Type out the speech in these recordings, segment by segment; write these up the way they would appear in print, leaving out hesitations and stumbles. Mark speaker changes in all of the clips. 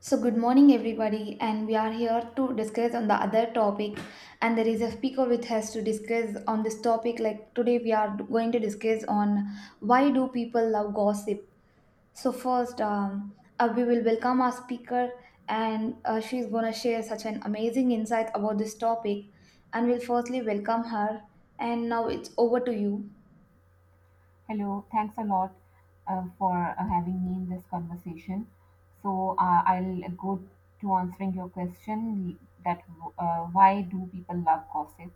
Speaker 1: So good morning everybody, and we are here to discuss on the other topic, and there is a speaker with us to discuss on this topic. Like today we are going to discuss on why do people love gossip. So first, we will welcome our speaker, and she is going to share such an amazing insight about this topic, and we'll firstly welcome her, and now it's over to you.
Speaker 2: Hello, thanks a lot for having me in this conversation. So I'll go to answering your question that why do people love gossip?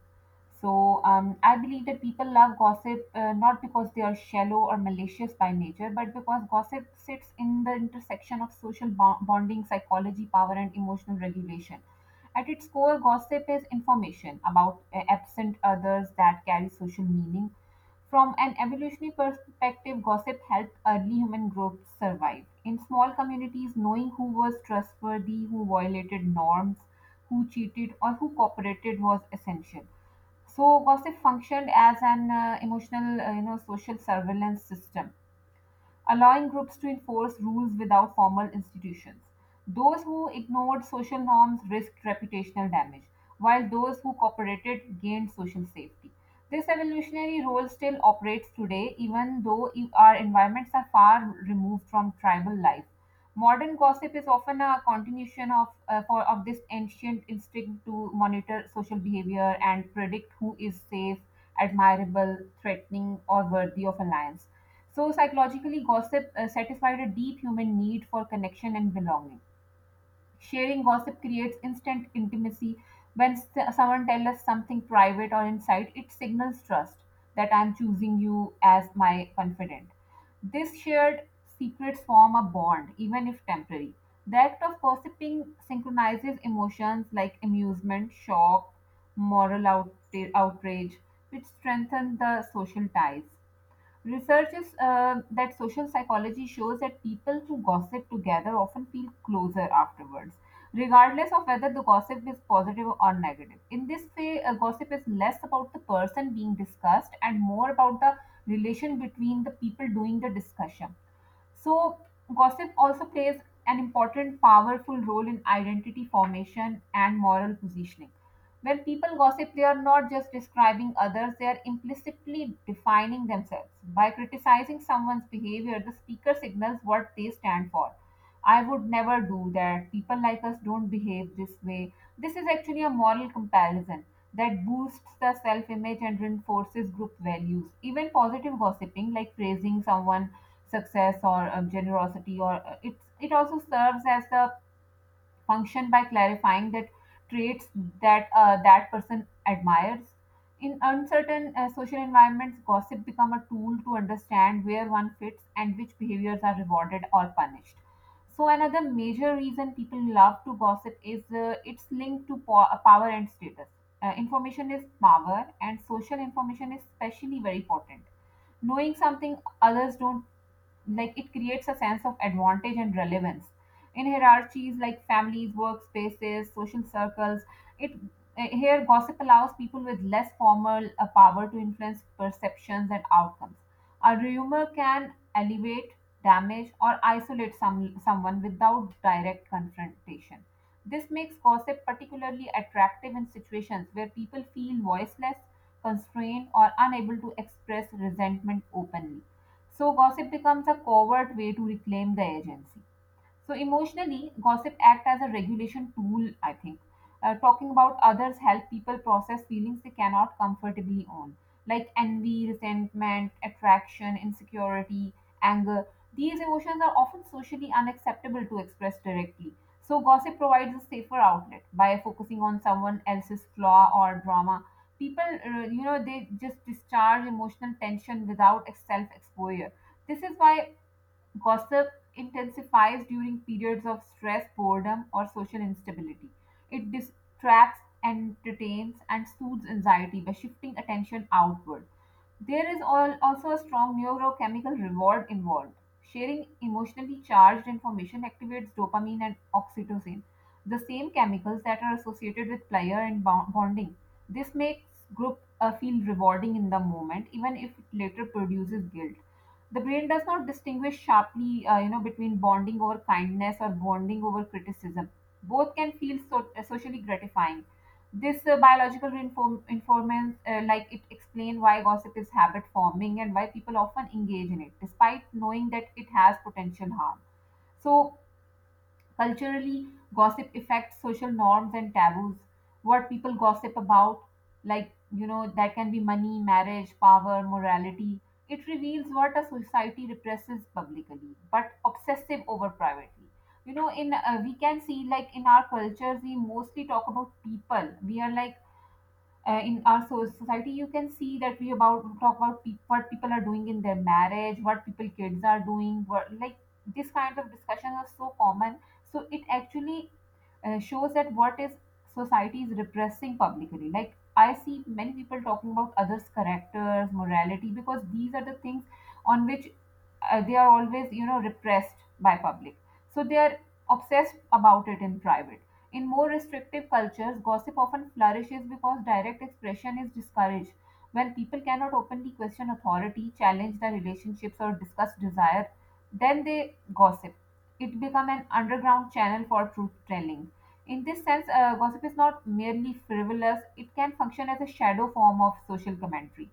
Speaker 2: I believe that people love gossip not because they are shallow or malicious by nature, but because gossip sits in the intersection of social bonding, psychology, power, and emotional regulation. At its core, gossip is information about absent others that carries social meaning. From an evolutionary perspective, gossip helped early human groups survive. In small communities, knowing who was trustworthy, who violated norms, who cheated, or who cooperated was essential. So, gossip functioned as an emotional, you know, social surveillance system, allowing groups to enforce rules without formal institutions. Those who ignored social norms risked reputational damage, while those who cooperated gained social safety. This evolutionary role still operates today, even though our environments are far removed from tribal life. Modern gossip is often a continuation of this ancient instinct to monitor social behavior and predict who is safe, admirable, threatening, or worthy of alliance. So, psychologically, gossip satisfied a deep human need for connection and belonging. Sharing gossip creates instant intimacy. When someone tells us something private or inside, it signals trust that I'm choosing you as my confidant. This shared secrets form a bond, even if temporary. The act of gossiping synchronizes emotions like amusement, shock, moral out- outrage, which strengthen the social ties. Research is that social psychology shows that people who gossip together often feel closer afterwards, regardless of whether the gossip is positive or negative. In this way, gossip is less about the person being discussed and more about the relation between the people doing the discussion. So, gossip also plays an important, powerful role in identity formation and moral positioning. When people gossip, they are not just describing others, they are implicitly defining themselves. By criticizing someone's behavior, the speaker signals what they stand for. I would never do that. People like us don't behave this way. This is actually a moral comparison that boosts the self image and reinforces group values. Even positive gossiping, like praising someone success or generosity, or it also serves as the function by clarifying that traits that person admires. In uncertain social environments, gossip become a tool to understand where one fits and which behaviors are rewarded or punished. So another major reason people love to gossip is it's linked to power and status. Information is power, and social information is especially very important. Knowing something others don't, like it creates a sense of advantage and relevance in hierarchies like families, workspaces, social circles. It Here gossip allows people with less formal power to influence perceptions and outcomes. A rumor can elevate, damage, or isolate someone without direct confrontation. This makes gossip particularly attractive in situations where people feel voiceless, constrained, or unable to express resentment openly. So, gossip becomes a covert way to reclaim the agency. So emotionally, gossip acts as a regulation tool, I think. Talking about others help people process feelings they cannot comfortably own, like envy, resentment, attraction, insecurity, anger. These emotions are often socially unacceptable to express directly. So gossip provides a safer outlet by focusing on someone else's flaw or drama. People they just discharge emotional tension without self-exposure. This is why gossip intensifies during periods of stress, boredom, or social instability. It distracts, entertains, and soothes anxiety by shifting attention outward. There is also a strong neurochemical reward involved. Sharing emotionally charged information activates dopamine and oxytocin, the same chemicals that are associated with pleasure and bonding. This makes group feel rewarding in the moment, even if it later produces guilt. The brain does not distinguish sharply, between bonding over kindness or bonding over criticism. Both can feel socially gratifying. This biological informants, like it explain why gossip is habit forming and why people often engage in it despite knowing that it has potential harm. So, culturally, gossip affects social norms and taboos. What people gossip about, that can be money, marriage, power, morality. It reveals what a society represses publicly, but obsessive over privately. You know, in We can see like in our cultures, we mostly talk about people. We are like in our society you can see that we about talk about what people are doing in their marriage, what people kids are doing, what, like this kind of discussions are so common. So it actually shows that what is society is repressing publicly. Like, I see many people talking about others characters, morality, because these are the things on which they are always, repressed by public, so they are obsessed about it in private. In more restrictive cultures, gossip often flourishes because direct expression is discouraged. When people cannot openly question authority, challenge their relationships, or discuss desire, then they gossip. It become an underground channel for truth telling. In this sense, gossip is not merely frivolous. It can function as a shadow form of social commentary.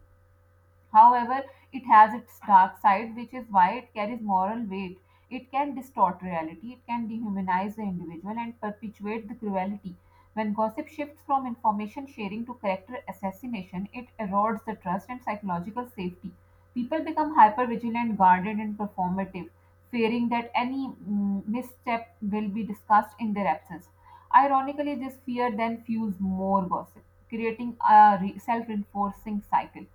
Speaker 2: However, it has its dark side, which is why it carries moral weight. It can distort reality, it can dehumanize the individual, and perpetuate the cruelty. When gossip shifts from information sharing to character assassination, it erodes the trust and psychological safety. People become hypervigilant, guarded, and performative, fearing that any misstep will be discussed in their absence. Ironically, this fear then fuels more gossip, creating a self reinforcing cycle.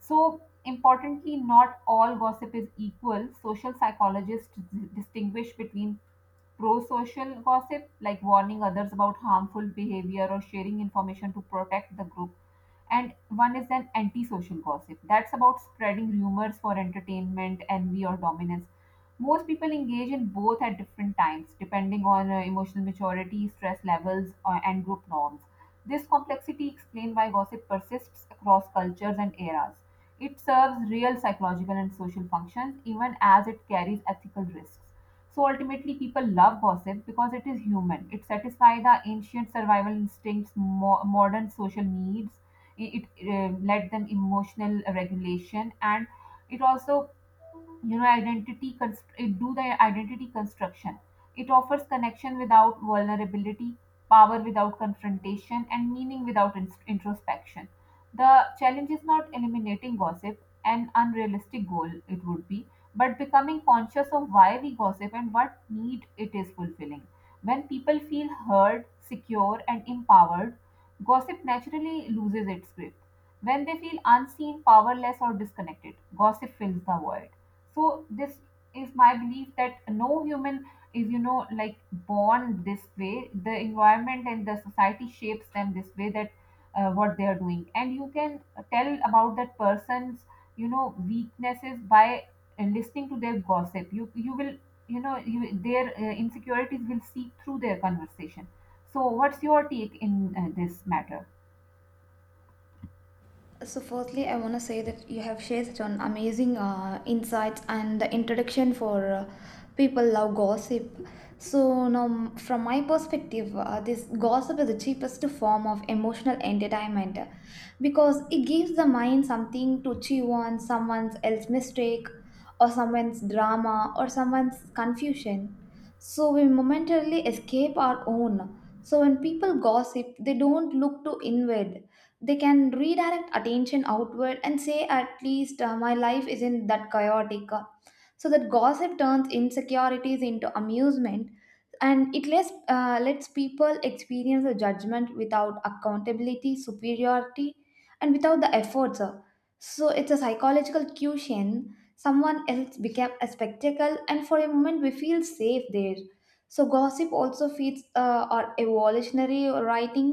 Speaker 2: So, importantly, not all gossip is equal. Social psychologists distinguish between pro-social gossip, like warning others about harmful behavior or sharing information to protect the group, and one is an anti-social gossip. That's about spreading rumors for entertainment, envy, or dominance. Most people engage in both at different times, depending on emotional maturity, stress levels, and group norms. This complexity explains why gossip persists across cultures and eras. It serves real psychological and social functions, even as it carries ethical risks. So ultimately, people love gossip because it is human. It satisfies our ancient survival instincts, modern social needs. It led them emotional regulation, and it also, identity it do the identity construction. It offers connection without vulnerability, power without confrontation, and meaning without introspection. The challenge is not eliminating gossip, an unrealistic goal it would be, but becoming conscious of why we gossip and what need it is fulfilling. When people feel heard, secure, and empowered, gossip naturally loses its grip. When they feel unseen, powerless, or disconnected, gossip fills the void. So, this is my belief that no human is, born this way. The environment and the society shapes them this way, that what they are doing. And you can tell about that person's, weaknesses by and listening to their gossip. You will, you know you, their insecurities will seep through their conversation. So what's your take in this matter?
Speaker 1: So, firstly, I want to say that you have shared such an amazing insights and the introduction for people love gossip. So, now from my perspective, this gossip is the cheapest form of emotional entertainment, because it gives the mind something to chew on, someone else's mistake, or someone's drama, or someone's confusion. So, we momentarily escape our own. So, when people gossip, they don't look to inward, they can redirect attention outward and say, at least my life isn't that chaotic. So that gossip turns insecurities into amusement, and it lets people experience a judgment without accountability, superiority, and without the efforts. So it's a psychological cushion, someone else became a spectacle, and for a moment we feel safe there. So gossip also feeds our evolutionary writing,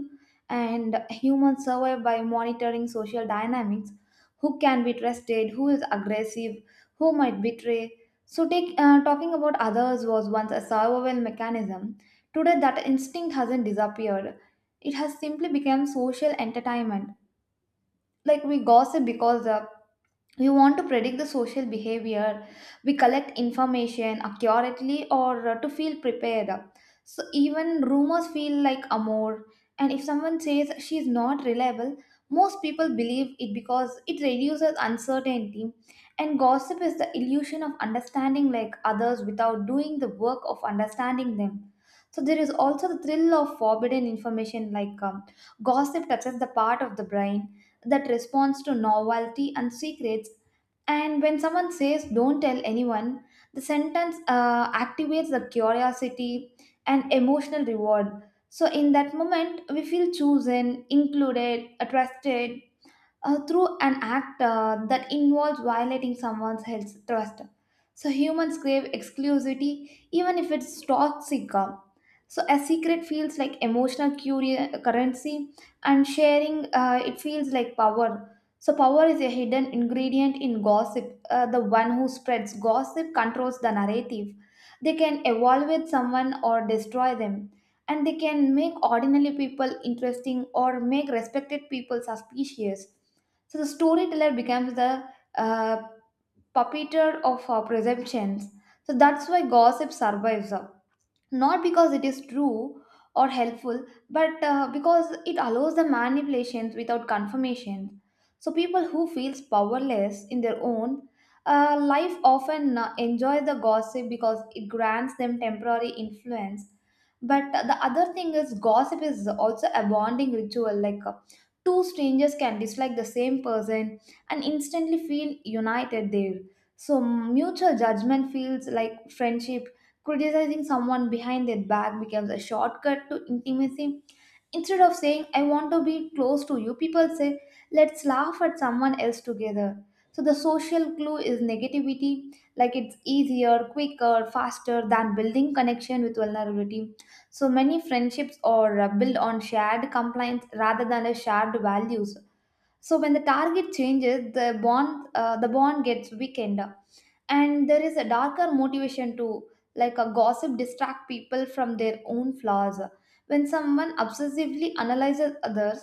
Speaker 1: and humans survive by monitoring social dynamics, who can be trusted, who is aggressive, who might betray. So talking about others was once a survival mechanism. Today that instinct hasn't disappeared, it has simply become social entertainment. Like we gossip because the we want to predict the social behavior, we collect information accurately, or to feel prepared. So even rumors feel like amor, and if someone says she's not reliable, most people believe it because it reduces uncertainty. And gossip is the illusion of understanding like others without doing the work of understanding them. So there is also the thrill of forbidden information, like gossip touches the part of the brain that responds to novelty and secrets. And when someone says, don't tell anyone, the sentence activates the curiosity and emotional reward. So, in that moment, we feel chosen, included, trusted, through an act that involves violating someone's health trust. So humans crave exclusivity even if it's toxic. So a secret feels like emotional currency, and sharing it feels like power. So power is a hidden ingredient in gossip. The one who spreads gossip controls the narrative. They can evaluate someone or destroy them. And they can make ordinary people interesting or make respected people suspicious. So the storyteller becomes the uh, puppeteer of presumptions. So that's why gossip survives. Not because it is true or helpful, but because it allows the manipulations without confirmation. So people who feels powerless in their own life often enjoy the gossip because it grants them temporary influence. But the other thing is gossip is also a bonding ritual. Like two strangers can dislike the same person and instantly feel united there. So mutual judgment feels like friendship. Criticizing someone behind their back becomes a shortcut to intimacy. Instead of saying, I want to be close to you, people say, let's laugh at someone else together. So the social glue is negativity, like it's easier, quicker, faster than building connection with vulnerability. So many friendships are built on shared compliance rather than a shared values. So when the target changes, the bond gets weakened. And there is a darker motivation too, like a gossip distract people from their own flaws. When someone obsessively analyzes others,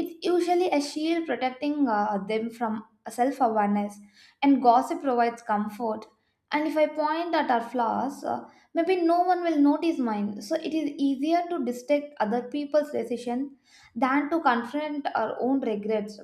Speaker 1: it's usually a shield protecting them from self-awareness, and gossip provides comfort. And if I point at our flaws, maybe no one will notice mine. So it is easier to detect other people's decision than to confront our own regrets.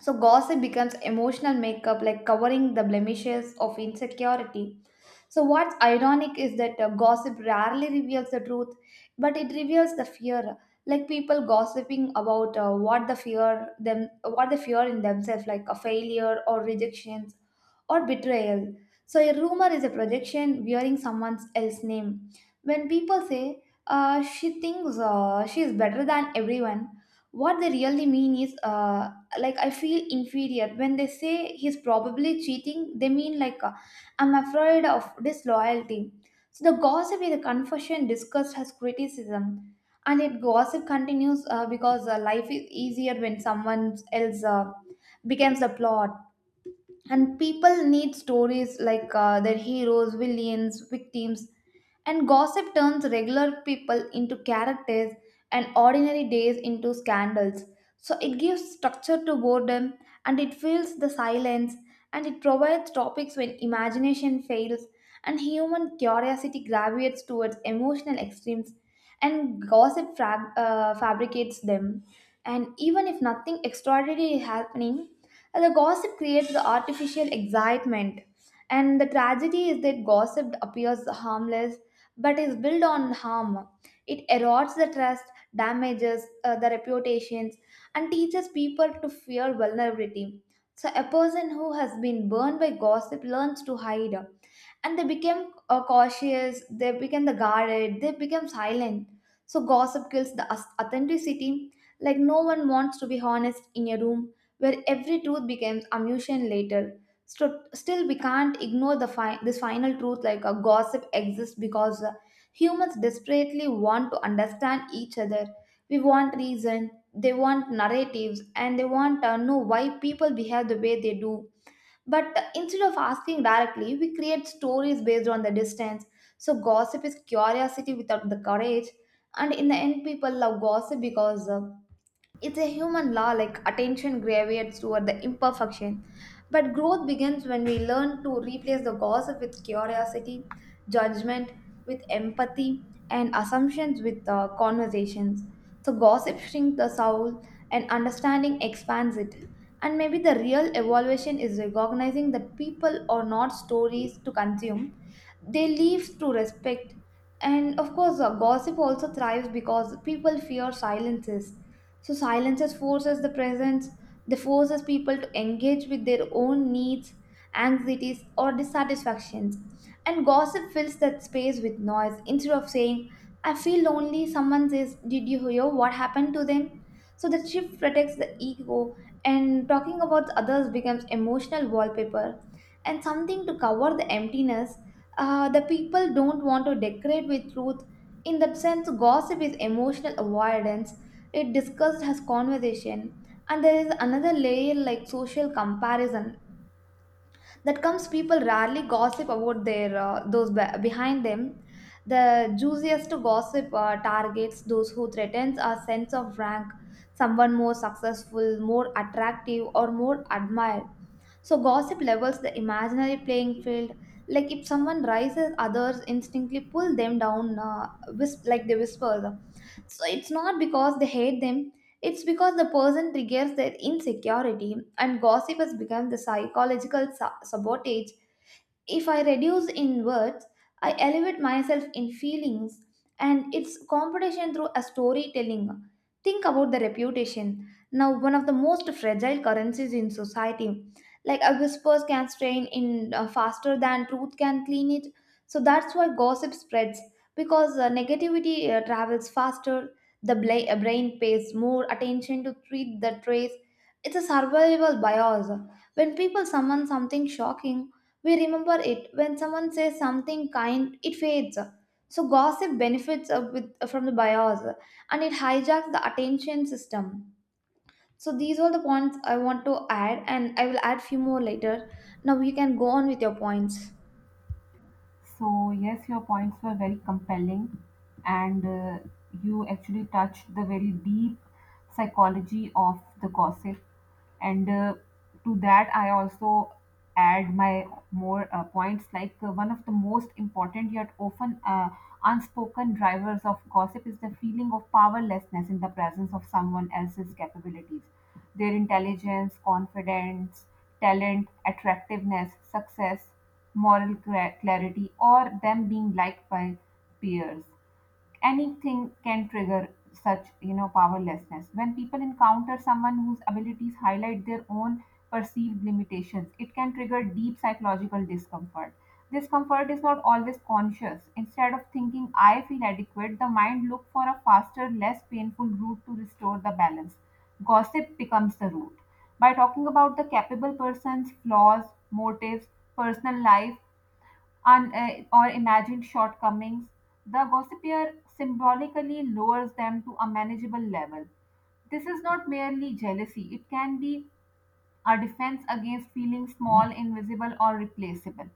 Speaker 1: So gossip becomes emotional makeup, like covering the blemishes of insecurity. So, what's ironic is that gossip rarely reveals the truth, but it reveals the fear. Like people gossiping about what the fear them, what they fear in themselves, like a failure, or rejections, or betrayal. So, a rumor is a projection wearing someone else's name. When people say she thinks she is better than everyone, what they really mean is like I feel inferior. When they say he's probably cheating, they mean like. I'm afraid of disloyalty. So the gossip is a confession discussed as criticism, and yet gossip continues because life is easier when someone else becomes the plot. And people need stories, like their heroes, villains, victims. And gossip turns regular people into characters and ordinary days into scandals. So it gives structure to boredom, and it fills the silence, and it provides topics when imagination fails. And human curiosity gravitates towards emotional extremes, and gossip fabricates them. And even if nothing extraordinary is happening, and the gossip creates the artificial excitement. And the tragedy is that gossip appears harmless but is built on harm. It erodes the trust, damages the reputations, and teaches people to fear vulnerability. So, a person who has been burned by gossip learns to hide, and they became cautious, they became the guarded, they became silent. So gossip kills the authenticity, like no one wants to be honest in a room where every truth becomes amusement later. So still we can't ignore the this final truth, like a gossip exists because humans desperately want to understand each other. We want reason, they want narratives, and they want to know why people behave the way they do. But instead of asking directly, we create stories based on the distance. So gossip is curiosity without the courage. And in the end, people love gossip because it's a human law, like attention gravitates toward the imperfection. But growth begins when we learn to replace the gossip with curiosity, judgment with empathy, and assumptions with conversations. So, gossip shrinks the soul, and understanding expands it. And maybe the real evolution is recognizing that people are not stories to consume, they live to respect. And of course, gossip also thrives because people fear silences. So silences forces the presence, they forces people to engage with their own needs, anxieties, or dissatisfactions. And gossip fills that space with noise. Instead of saying, I feel lonely, someone says, did you hear what happened to them? So the shift protects the ego, and talking about others becomes emotional wallpaper, and something to cover the emptiness. The people don't want to decorate with truth. In that sense, gossip is emotional avoidance, it discussed as conversation. And there is another layer, like social comparison, that comes people rarely gossip about their those behind them. The juiciest gossip targets those who threatens our sense of rank, someone more successful, more attractive, or more admired. So gossip levels the imaginary playing field. Like if someone rises, others instinctively pull them down, like they whisper. So it's not because they hate them, it's because the person triggers their insecurity, and gossip has become the psychological sabotage. If I reduce in words, I elevate myself in feelings, and it's competition through a storytelling. Think about the reputation. Now, one of the most fragile currencies in society. Like a whispers can strain in faster than truth can clean it. So that's why gossip spreads, because negativity travels faster. The brain pays more attention to treat the trace. It's a survival bias. When people summon something shocking, we remember it. When someone says something kind, it fades. So gossip benefits from the bias, and it hijacks the attention system. So these are the points I want to add, and I will add few more later. Now you can go on with your points.
Speaker 2: So, yes, your points were very compelling, and you actually touched the very deep psychology of the gossip. And to that, I also add my more points. Like one of the most important yet often unspoken drivers of gossip is the feeling of powerlessness in the presence of someone else's capabilities. Their intelligence, confidence, talent, attractiveness, success, moral clarity, or them being liked by peers, anything can trigger such, powerlessness. When people encounter someone whose abilities highlight their own perceived limitations, it can trigger deep psychological discomfort. Discomfort is not always conscious. Instead of thinking I feel adequate, the mind looks for a faster, less painful route to restore the balance. Gossip becomes the route. By talking about the capable person's flaws, motives, personal life, or imagined shortcomings, the gossipier symbolically lowers them to a manageable level. This is not merely jealousy, it can be a defense against feeling small, invisible, or replaceable.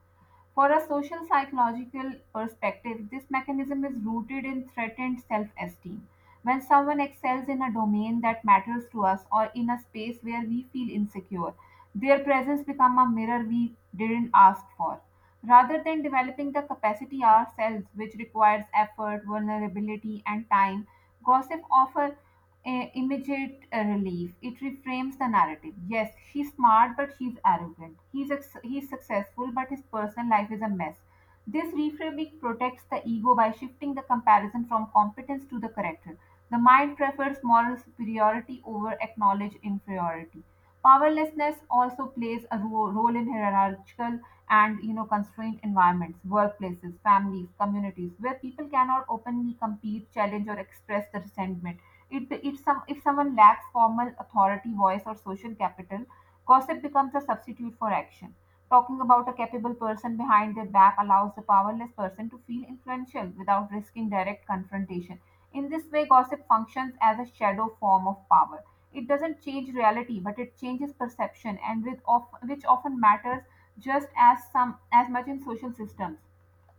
Speaker 2: For a social psychological perspective, this mechanism is rooted in threatened self esteem. When someone excels in a domain that matters to us or in a space where we feel insecure, their presence becomes a mirror we didn't ask for. Rather than developing the capacity ourselves, which requires effort, vulnerability, and time, gossip often a immediate relief. It reframes the narrative. Yes, she's smart, but she's arrogant. He's successful, but his personal life is a mess. This reframing protects the ego by shifting the comparison from competence to the character. The mind prefers moral superiority over acknowledged inferiority. Powerlessness also plays a role in hierarchical and constrained environments, workplaces, families, communities, where people cannot openly compete, challenge, or express the resentment. It, if, some, If someone lacks formal authority, voice, or social capital, gossip becomes a substitute for action. Talking about a capable person behind their back allows the powerless person to feel influential without risking direct confrontation. In this way, gossip functions as a shadow form of power. It doesn't change reality, but it changes perception, and which often matters just as some as much in social systems.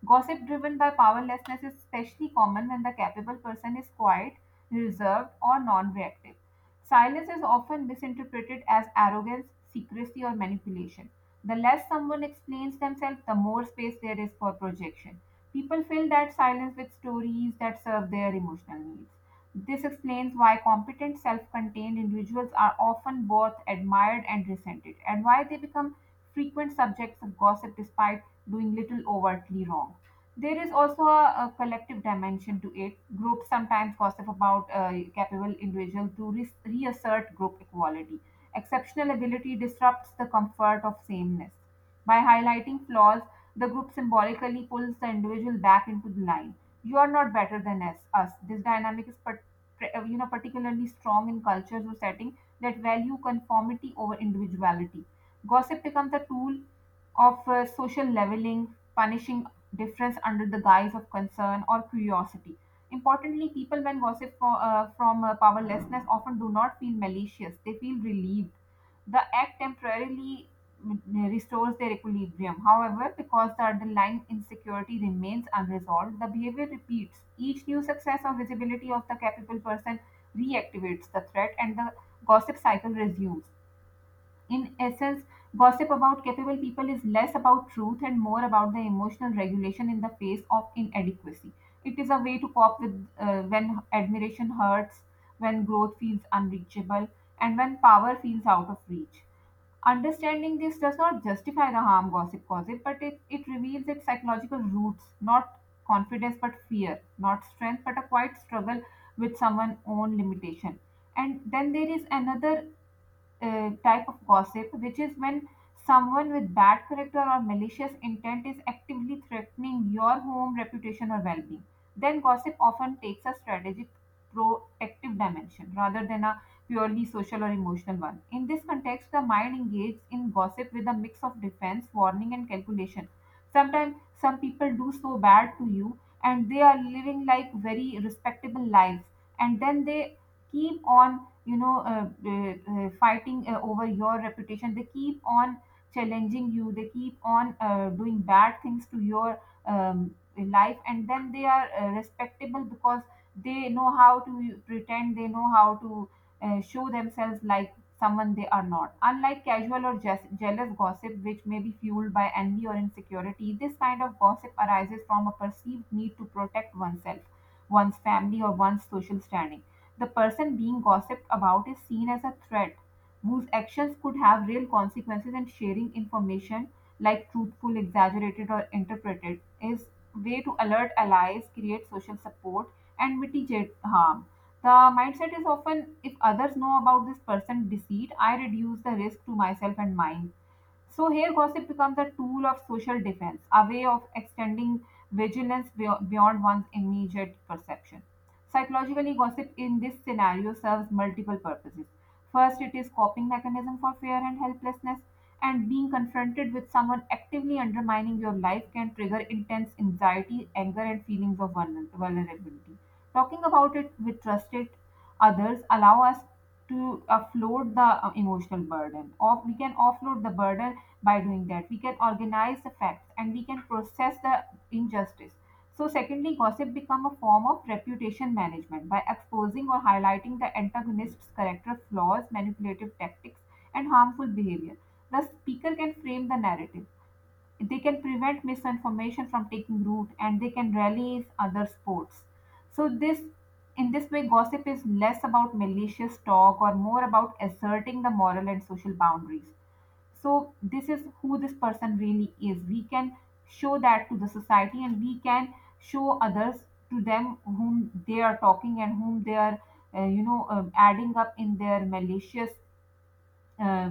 Speaker 2: Gossip driven by powerlessness is especially common when the capable person is quiet, reserved, or non reactive. Silence is often misinterpreted as arrogance, secrecy, or manipulation. The less someone explains themselves, the more space there is for projection. People fill that silence with stories that serve their emotional needs. This explains why competent, self contained individuals are often both admired and resented, and why they become frequent subjects of gossip despite doing little overtly wrong. There is also a collective dimension to it. Groups sometimes gossip about capable individuals to reassert group equality. Exceptional ability disrupts the comfort of sameness. By highlighting flaws, the group symbolically pulls the individual back into the line. You are not better than us. This dynamic is particularly strong in cultures or settings that value conformity over individuality. Gossip becomes a tool of social leveling, punishing difference under the guise of concern or curiosity. Importantly, people, when gossip from powerlessness, often do not feel malicious, they feel relieved. The act temporarily restores their equilibrium. However, because the underlying insecurity remains unresolved, the behavior repeats. Each new success or visibility of the capable person reactivates the threat and the gossip cycle resumes. In essence, gossip about capable people is less about truth and more about the emotional regulation in the face of inadequacy. It is a way to cope with, when admiration hurts, when growth feels unreachable, and when power feels out of reach. Understanding this does not justify the harm gossip causes, but it reveals its psychological roots, not confidence but fear, not strength but a quiet struggle with someone's own limitation. And then there is another type of gossip, which is when someone with bad character or malicious intent is actively threatening your home, reputation, or well being. Then gossip often takes a strategic protective dimension rather than a purely social or emotional one. In this context, the mind engages in gossip with a mix of defense, warning, and calculation. Sometimes some people do so bad to you, and they are living like very respectable lives, and then they keep on, you know uh, fighting over your reputation. They keep on challenging you. They keep on doing bad things to your life, and then they are respectable because they know how to pretend. They know how to show themselves like someone they are not. Unlike casual or jealous gossip, which may be fueled by envy or insecurity, this kind of gossip arises from a perceived need to protect oneself, one's family, or one's social standing. The person being gossiped about is seen as a threat whose actions could have real consequences, and sharing information, like truthful, exaggerated, or interpreted, is way to alert allies, create social support, and mitigate harm. The mindset is often, if others know about this person deceit, I reduce the risk to myself and mine. So here gossip becomes a tool of social defense, a way of extending vigilance beyond one's immediate perception. Psychologically, gossip in this scenario serves multiple purposes. First, it is coping mechanism for fear and helplessness, and being confronted with someone actively undermining your life can trigger intense anxiety, anger, and feelings of vulnerability. Talking about it with trusted others allow us to offload the emotional burden off. We can offload the burden. By doing that, we can organize the facts and we can process the injustice. So secondly, gossip become a form of reputation management. By exposing or highlighting the antagonist's character flaws, manipulative tactics, and harmful behavior, the speaker can frame the narrative. They can prevent misinformation from taking root, and they can rally other sports. So this, in this way, gossip is less about malicious talk or more about asserting the moral and social boundaries. So this is who this person really is. We can show that to the society, and we can show others to them whom they are talking and whom they are adding up in their malicious uh,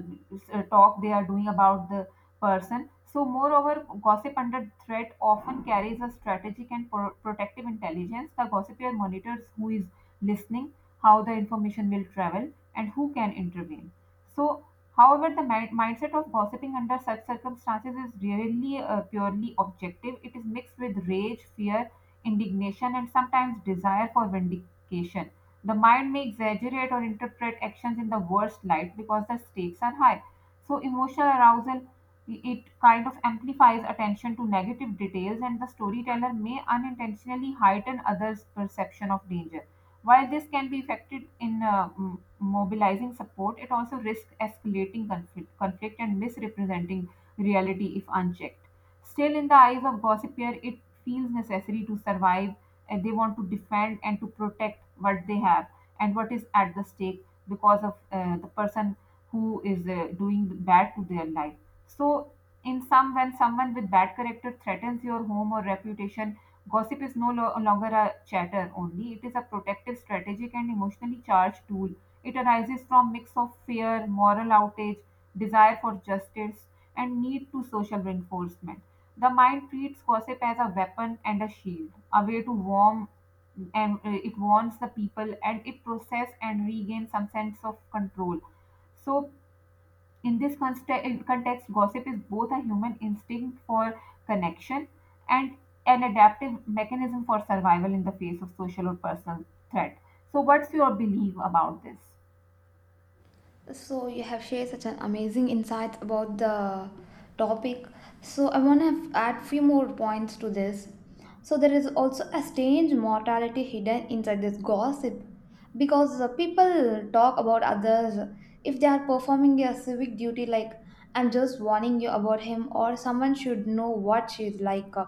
Speaker 2: talk they are doing about the person. So, moreover, gossip under threat often carries a strategic and protective intelligence. The gossiper monitors who is listening, how the information will travel, and who can intervene. So, however, the mindset of gossiping under such circumstances is rarely purely objective. It is mixed with rage, fear, indignation, and sometimes desire for vindication. The mind may exaggerate or interpret actions in the worst light because the stakes are high. So emotional arousal, it kind of amplifies attention to negative details, and the storyteller may unintentionally heighten others' perception of danger. While this can be effective in mobilizing support, it also risks escalating conflict and misrepresenting reality if unchecked. Still, in the eyes of gossipier, it feels necessary to survive, and they want to defend and to protect what they have and what is at the stake because of the person who is doing the bad to their life. So in some, when someone with bad character threatens your home or reputation, gossip is no longer a chatter only. It is a protective, strategic, and emotionally charged tool. It arises from mix of fear, moral outrage, desire for justice, and need to social reinforcement. The mind treats gossip as a weapon and a shield, a way to warm, and it warns the people, and it process and regain some sense of control. So, in this in context, gossip is both a human instinct for connection and an adaptive mechanism for survival in the face of social or personal threat. So, what's your belief about this?
Speaker 1: So you have shared such an amazing insights about the topic. So I want to add few more points to this. So there is also a strange mortality hidden inside this gossip, because the people talk about others if they are performing a civic duty, like I'm just warning you about him, or someone should know what she's like.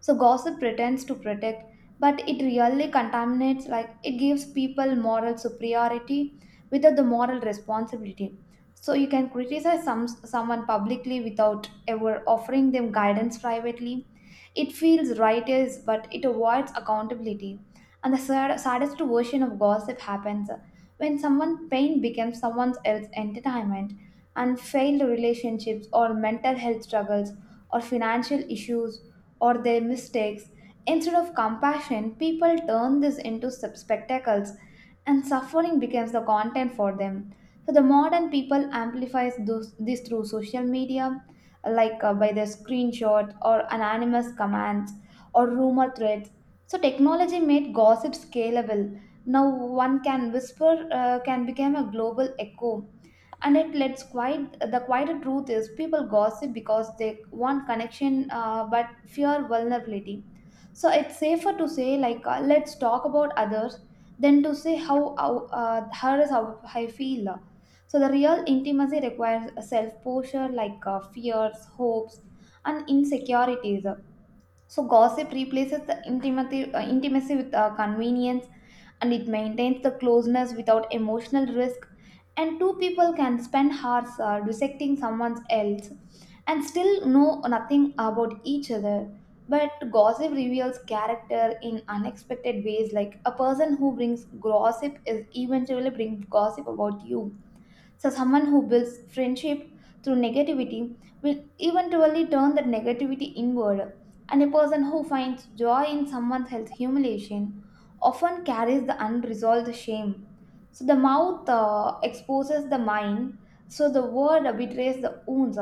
Speaker 1: So gossip pretends to protect, but it really contaminates, like it gives people moral superiority without the moral responsibility. So you can criticize some someone publicly without ever offering them guidance privately. It feels righteous, but it avoids accountability. And the sad, saddest version of gossip happens when someone's pain becomes someone else's entertainment, and failed relationships, or mental health struggles, or financial issues, or their mistakes. Instead of compassion, people turn this into spectacles, and suffering becomes the content for them. So the modern people amplifies those, this through social media, like by the screenshot, or anonymous commands, or rumor threads. So technology made gossip scalable. Now one can whisper can become a global echo. And it lets quite the quieter truth is people gossip because they want connection but fear vulnerability. So it's safer to say like let's talk about others than to say here is how I feel. So the real intimacy requires self-posture, like fears, hopes, and insecurities. So gossip replaces the intimacy with convenience, and it maintains the closeness without emotional risk. And two people can spend hours dissecting someone else and still know nothing about each other. But gossip reveals character in unexpected ways, like a person who brings gossip is eventually bring gossip about you. So, someone who builds friendship through negativity will eventually turn that negativity inward. And a person who finds joy in someone else's humiliation often carries the unresolved shame. So, the mouth exposes the mind, so the word betrays the wounds.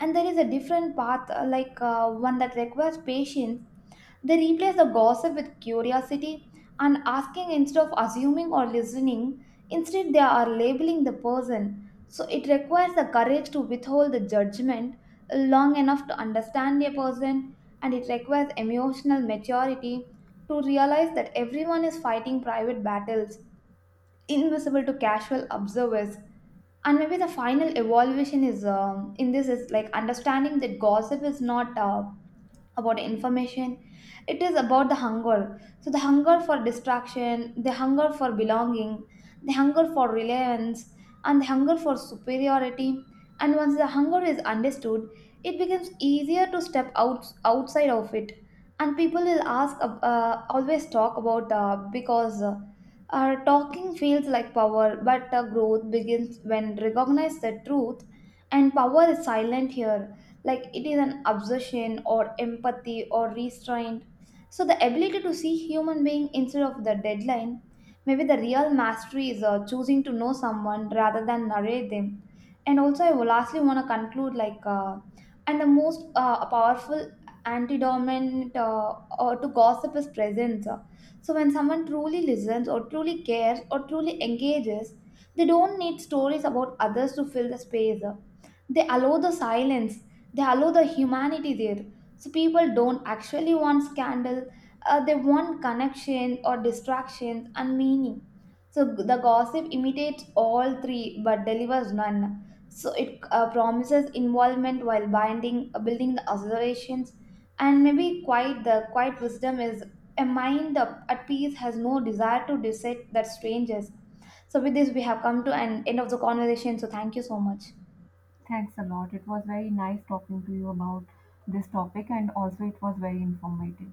Speaker 1: And there is a different path, like one that requires patience, they replace the gossip with curiosity, and asking instead of assuming or listening. Instead, they are labeling the person. So, it requires the courage to withhold the judgment long enough to understand a person, and it requires emotional maturity to realize that everyone is fighting private battles invisible to casual observers. And maybe the final evolution is in this is like understanding that gossip is not about information, it is about the hunger. So the hunger for distraction, the hunger for belonging, the hunger for relevance, and the hunger for superiority. And once the hunger is understood, it becomes easier to step out outside of it. And people will always talk about because talking feels like power, but growth begins when recognize the truth, and power is silent here, like it is an obsession, or empathy, or restraint. So the ability to see human being instead of the deadline, maybe the real mastery is choosing to know someone rather than narrate them. And also, I will lastly want to conclude like, and the most powerful antidominant or to gossip is presence. So when someone truly listens, or truly cares, or truly engages, they don't need stories about others to fill the space. They allow the silence, they allow the humanity there. So people don't actually want scandal, they want connection, or distraction, and meaning. So the gossip imitates all three but delivers none. So it promises involvement while binding building the observations. And maybe quite the quiet wisdom is a mind up at peace has no desire to dissect that strangers. So with this we have come to an end of the conversation, so thank you so much.
Speaker 2: Thanks a lot. It was very nice talking to you about this topic, and also it was very informative.